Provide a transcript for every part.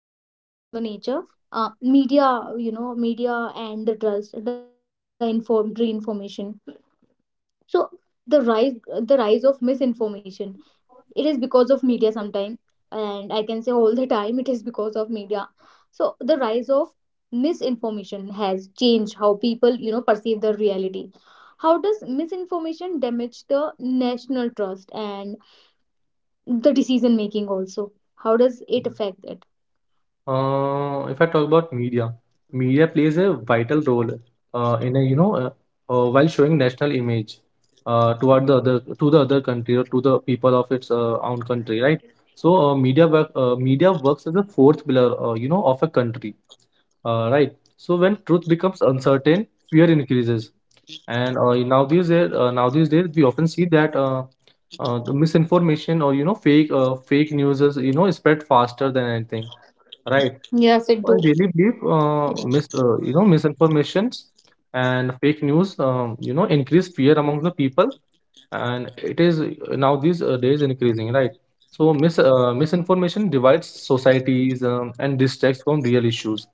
One more thing that apart from the nature, media, media and the trust, the informed reinformation. So. the rise, the rise of misinformation. It is because of media sometime, and I can say all the time it is because of media. So the rise of misinformation has changed how people, perceive the reality. How does misinformation damage the national trust and the decision making also? How does it affect it? If I talk about media, media plays a vital role in a you know while showing national image toward the other to the other country or to the people of its own country, right? So media works as a fourth pillar, you know, of a country, right? So when truth becomes uncertain, fear increases, and nowadays days we often see that. The misinformation or you know fake news is you know spread faster than anything, right. Yes, it I do. really believe It. mis you know misinformations and fake news you know increase fear among the people, and it is now these days increasing, right. So misinformation divides societies and distracts from real issues,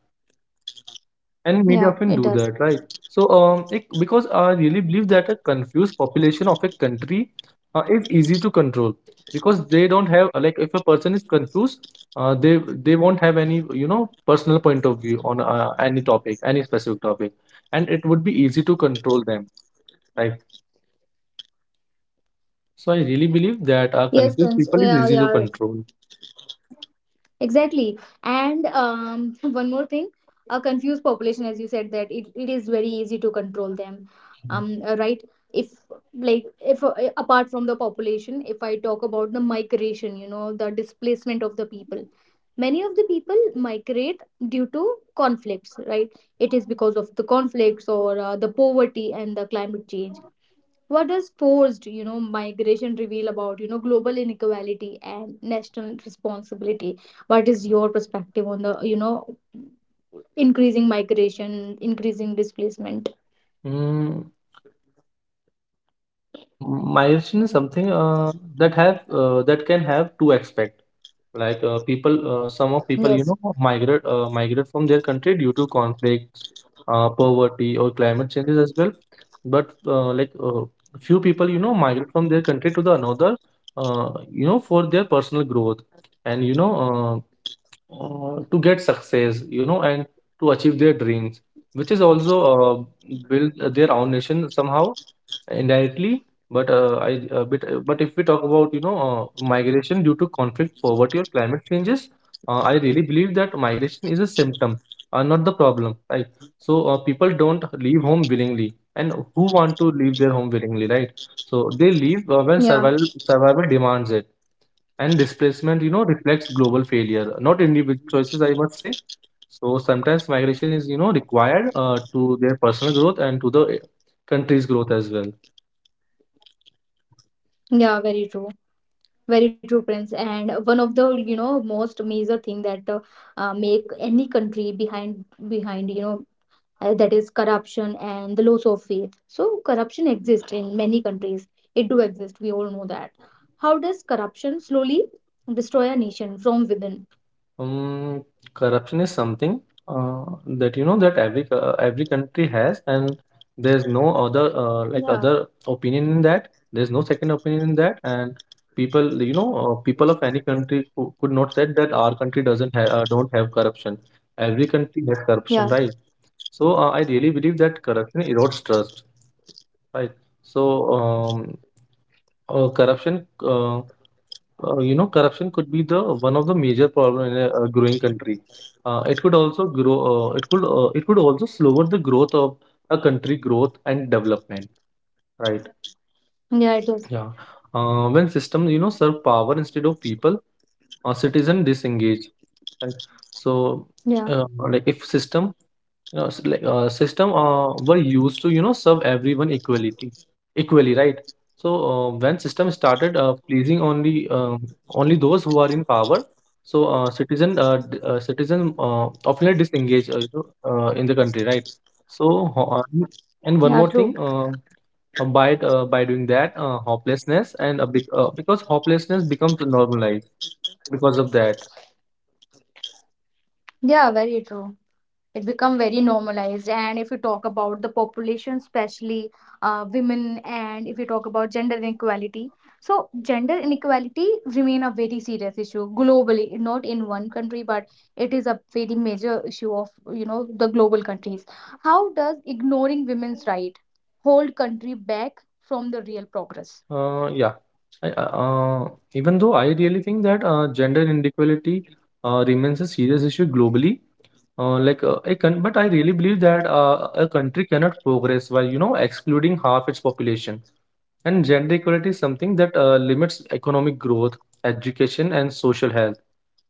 and media Yeah, often it do does. that, right. So because I really believe that a confused population of a country is easy to control, because they don't have like if a person is confused, they won't have any you know personal point of view on any topic, any specific topic, and it would be easy to control them, right. So I really believe that Yes, confused Prince. people is Yeah, easy to yeah, control. exactly. And one more thing, a confused population, as you said, that it is very easy to control them. Right? If like if apart from the population, if I talk about the migration, you know, the displacement of the people. Many of the people migrate due to conflicts, right? It is because of the conflicts or the poverty and the climate change. What does forced, you know, migration reveal about, you know, global inequality and national responsibility? What is your perspective on the, you know, increasing migration, increasing displacement? Mm. M- milestone is something that have that can have two aspect. Like people some of people Yes. Migrate from their country due to conflicts, poverty, or climate changes as well. But few people migrate from their country to the another, uh, for their personal growth, and to get success, and to achieve their dreams, which is also build their own nation somehow indirectly. But I a bit but if we talk about migration due to conflict, poverty, or climate changes, I really believe that migration is a symptom, not the problem. Right. So people don't leave home willingly, and who want to leave their home willingly, right? So they leave when Yeah. survival demands it, and displacement reflects global failure, not individual choices. I must say. So sometimes migration is required to their personal growth and to the country's growth as well. Yeah, very true. Very true, Prince. And one of the, you know, most major thing that make any country behind, you know, that is corruption and the loss of faith. So corruption exists in many countries. It do exist. We all know that. How does corruption slowly destroy a nation from within? Um, Corruption is something uh, that every country has, and there's no Yeah, other opinion in that. There's no second opinion in that, and people you know people of any country could not say that our country doesn't have don't have corruption. Every country has corruption, yeah, right? So I really believe that corruption erodes trust, right? So um, uh, corruption. Uh, corruption could be the one of the major problem in a growing country. It could also grow. It could also slower the growth of a country growth and development. Right. yeah. It is. Yeah. When systems, serve power instead of people, citizen disengage. Right. So, Yeah, like if system were used to serve everyone equality, equally, right? So when system started pleasing only those who are in power, so citizen citizen often disengage in the country, right? So ho- uh, and yeah. one more True. thing, by doing that, hopelessness and bec- because hopelessness becomes normalized because of that. Yeah, very true. It become very normalized, and if you talk about the population, especially women, and if you talk about gender inequality, so gender inequality remain a very serious issue globally, not in one country, but it is a very major issue of you know the global countries. How does ignoring women's right hold country back from the real progress? Yeah. I, uh, uh, Even though I really think that gender inequality remains a serious issue globally, like I can, but I really believe that a country cannot progress while excluding half its population. And gender equality is something that limits economic growth, education, and social health.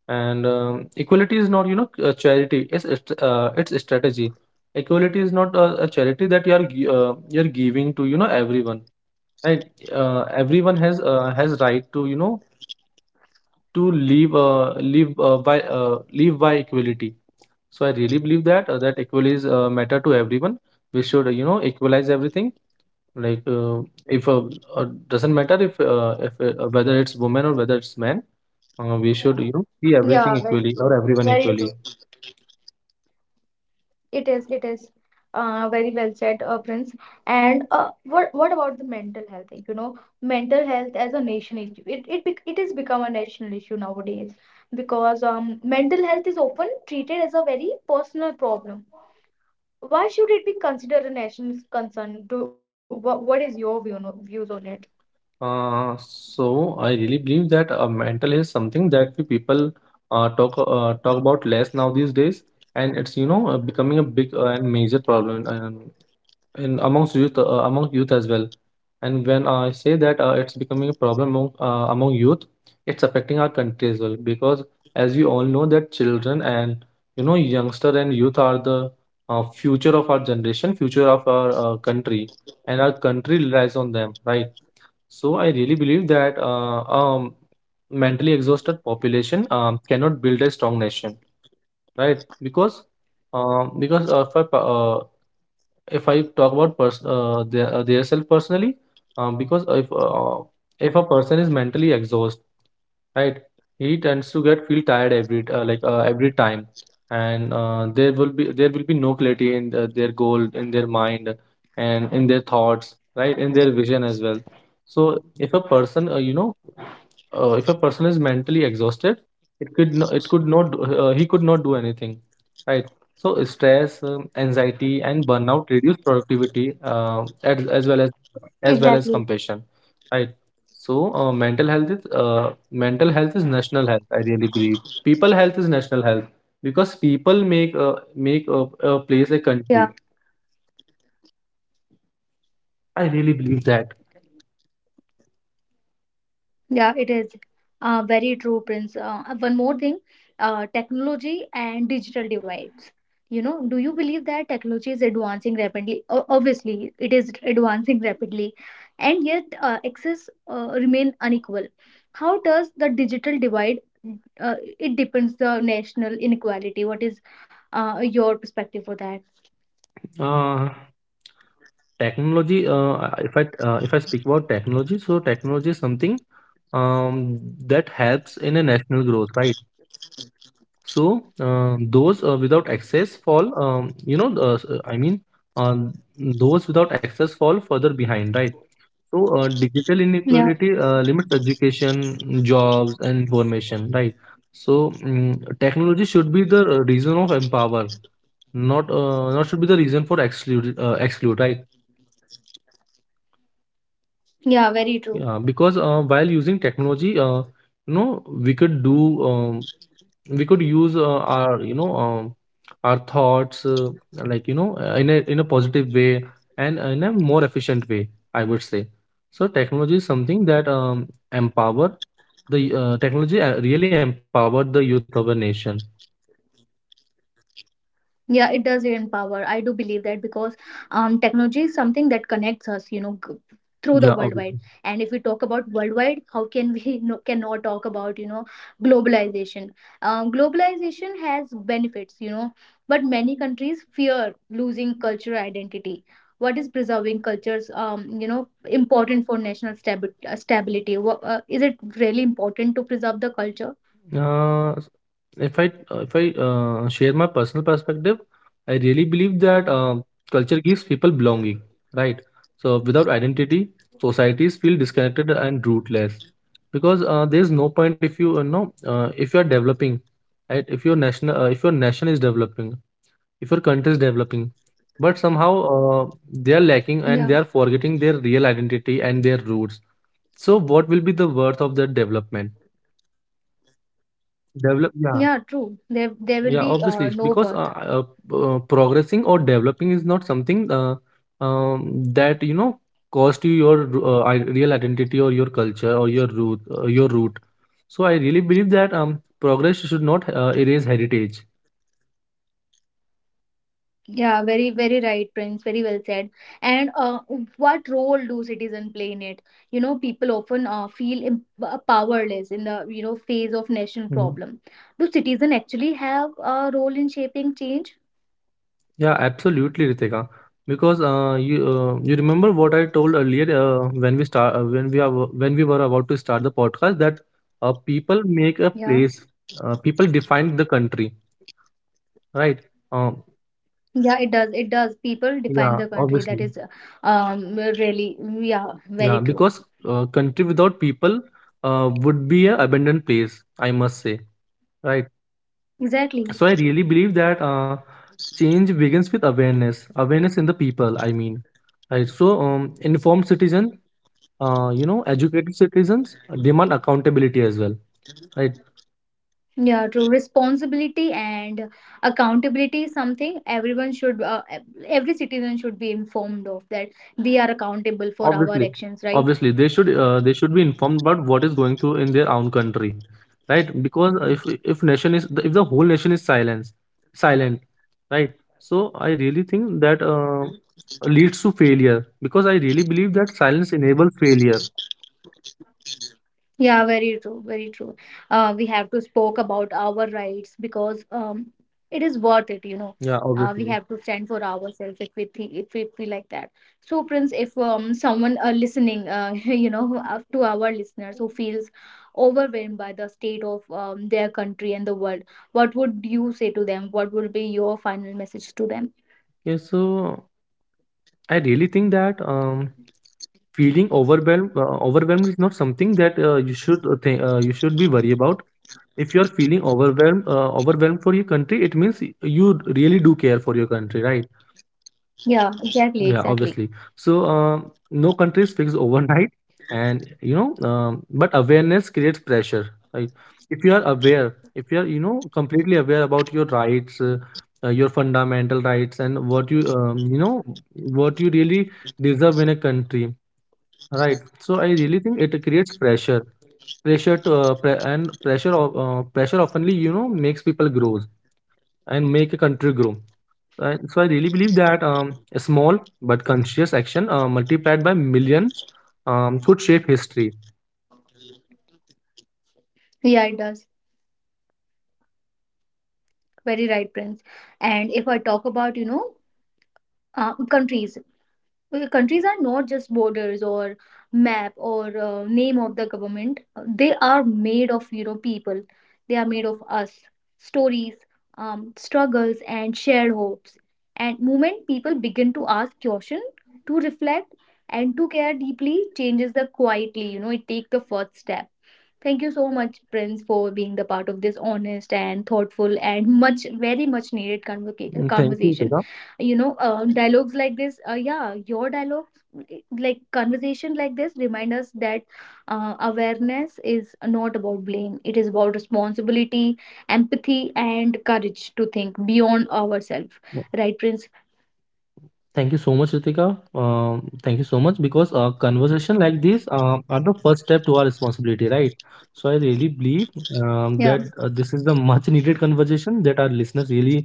And equality is not a charity; it's a strategy. Equality is not a charity that you're giving to everyone, right. Everyone has right to you know to live live by live by equality. So I really believe that that equalities matter to everyone. We should equalize everything. Like if uh, doesn't matter if whether it's woman or whether it's man. We should see everything Yeah, very equally or true. everyone Very equally. true. It is very well said, Prince. And what about the mental health thing? You know, mental health as a nation issue. It has become a national issue nowadays because mental health is often treated as a very personal problem. Why should it be considered a national concern? What is your view, no views on it? So I really believe that mental is something that we people talk about less now these days, and it's becoming a big and major problem in amongst youth, among youth as well. And when I say that it's becoming a problem among youth, it's affecting our country as well because as you all know that children and youngster and youth are the future of our generation, future of our country, and our country relies on them, right? So I really believe that mentally exhausted population cannot build a strong nation, right? Because um, because uh, for, pa- if I talk about their self personally, because if a person is mentally exhausted, right, he tends to get feel tired every time, and there will be no clarity in their goal, in their mind, and in their thoughts, right, in their vision as well. So if a person, if a person is mentally exhausted, it could not do- he could not do anything, right? So stress, anxiety, and burnout reduce productivity as well as Exactly. compassion, right? So mental health is national health. I really believe people health is national health because people make a place a country. I really believe that. Yeah, it is very true, Prince. One more thing, technology and digital divides. You know, do you believe that technology is advancing rapidly? Obviously, it is advancing rapidly, and yet access remain unequal. How does the digital divide? It depends the national inequality. What is your perspective for that? Uh, technology I- if I If I speak about technology, so technology is something um, that helps in a national growth, right? So those without access fall you know s- I mean uh, those without access fall further behind, right? So digital Yeah, inequality limits education, jobs, and information, right? So technology should be the reason of empower, not should be the reason for exclude, right? yeah, Yeah, very because true. While using technology, you know we could do, um, we could use our our thoughts, in a positive way and in a more efficient way, I would say. So technology is something that empower the technology really empower the youth of a nation. Yeah, it does empower. I do believe that, because technology is something that connects us, you know, Yeah, obviously. through the worldwide. And if we talk about worldwide, how can we no, cannot talk about you know globalization has benefits, you know, but many countries fear losing cultural identity. What is preserving cultures, you know, important for national stability? Is it really important to preserve the culture? Uh, if I, share my personal perspective, I really believe that culture gives people belonging, right? So without identity, societies feel disconnected and rootless, because there is no point if you, know if you are developing, right? If your national if your nation is developing, if your country is developing, but somehow Yeah, they are lacking and they are forgetting their real identity and their roots. So what will be the worth of that development? yeah, Develop, yeah. true, there will be Yeah, no obviously, worth. because progressing or developing is not something that cost you your real identity or your culture or your root, your root. So I really believe that progress should not erase heritage. Yeah, very, very right, Prince. Very well said. And what role do citizens play in it? You know, people often feel powerless in the, you know, phase of national Mhm. problem. Do citizens actually have a role in shaping change? Yeah, absolutely, Ritika. Because you remember what I told earlier when we were about to start the podcast, that people make a Yeah. place, people define the country, right? Um, Yeah, it does. It does. People define yeah, the country. obviously. That is really, yeah, Yeah, very true. because country without people would be an abandoned place, I must say, right? Exactly. So I really believe that change begins with awareness, awareness in the people, I mean, right? So informed citizen, educated citizens demand accountability as well, right? Yeah, true. Responsibility and accountability is something everyone should, every citizen should be informed of that we are accountable for Obviously, our actions, right? They should be informed about what is going through in their own country, right? Because if nation is, if the whole nation is silence silent, right? So I really think that leads to failure, because I really believe that silence enables failure. Yeah, very true, very true. We have to spoke about our rights because it is worth it, you know. Yeah, obviously. We have to stand for ourselves if we think if we feel like that. So, Prince, if someone listening, you know, to our listeners who feels overwhelmed by the state of their country and the world, what would you say to them? What would be your final message to them? Yeah, so I really think that feeling overwhelmed is not something that you should be worried about. If you're feeling overwhelmed for your country, it means you really do care for your country, right? Yeah, exactly, Yeah, exactly. obviously. So no country is fixed overnight, and but awareness creates pressure, right? If you are aware, if you are completely aware about your rights, your fundamental rights, and what you you know what you really deserve in a country, right? So I really think it creates pressure. Pressure to pre- and Pressure of, pressure oftenly makes people grow and make a country grow. And so I really believe that a small but conscious action multiplied by millions could shape history. Yeah, it does. Very right, Prince. And if I talk about, you know, countries. Countries are not just borders or map or name of the government. They are made of you know people, they are made of us, stories, struggles, and shared hopes. And moment people begin to ask question, to reflect, and to care deeply changes the quietly, you know, it take the first step. Thank you so much, Prince, for being the part of this honest and thoughtful and much, very much needed Mm. Thank you, conversation. Deepa. You know, dialogues like this, yeah, your dialogue, like conversation like this, remind us that awareness is not about blame. It is about responsibility, empathy, and courage to think beyond ourselves. Right, Prince? Thank you so much, Ritika. Thank you so much, because a conversation like this are the first step to our responsibility, right? So I really believe Yeah. that this is the much needed conversation that our listeners really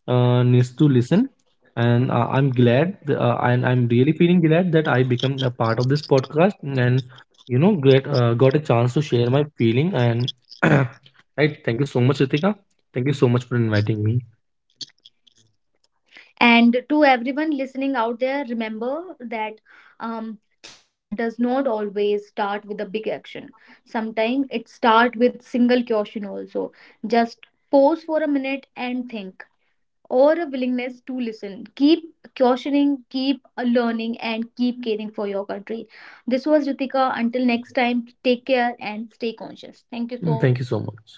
needs to listen. And and I'm really feeling glad that I become a part of this podcast and you know get got a chance to share my feeling. And right, thank you so much, Ritika. Thank you so much for inviting me. And to everyone listening out there, remember that um, change does not always start with a big action. Sometimes it starts with single caution also. Just pause for a minute and think, or a willingness to listen. Keep cautioning, keep learning, and keep caring for your country. This was Ritika. Until next time, take care and stay conscious. Thank you Mm. so Thank you so much. much.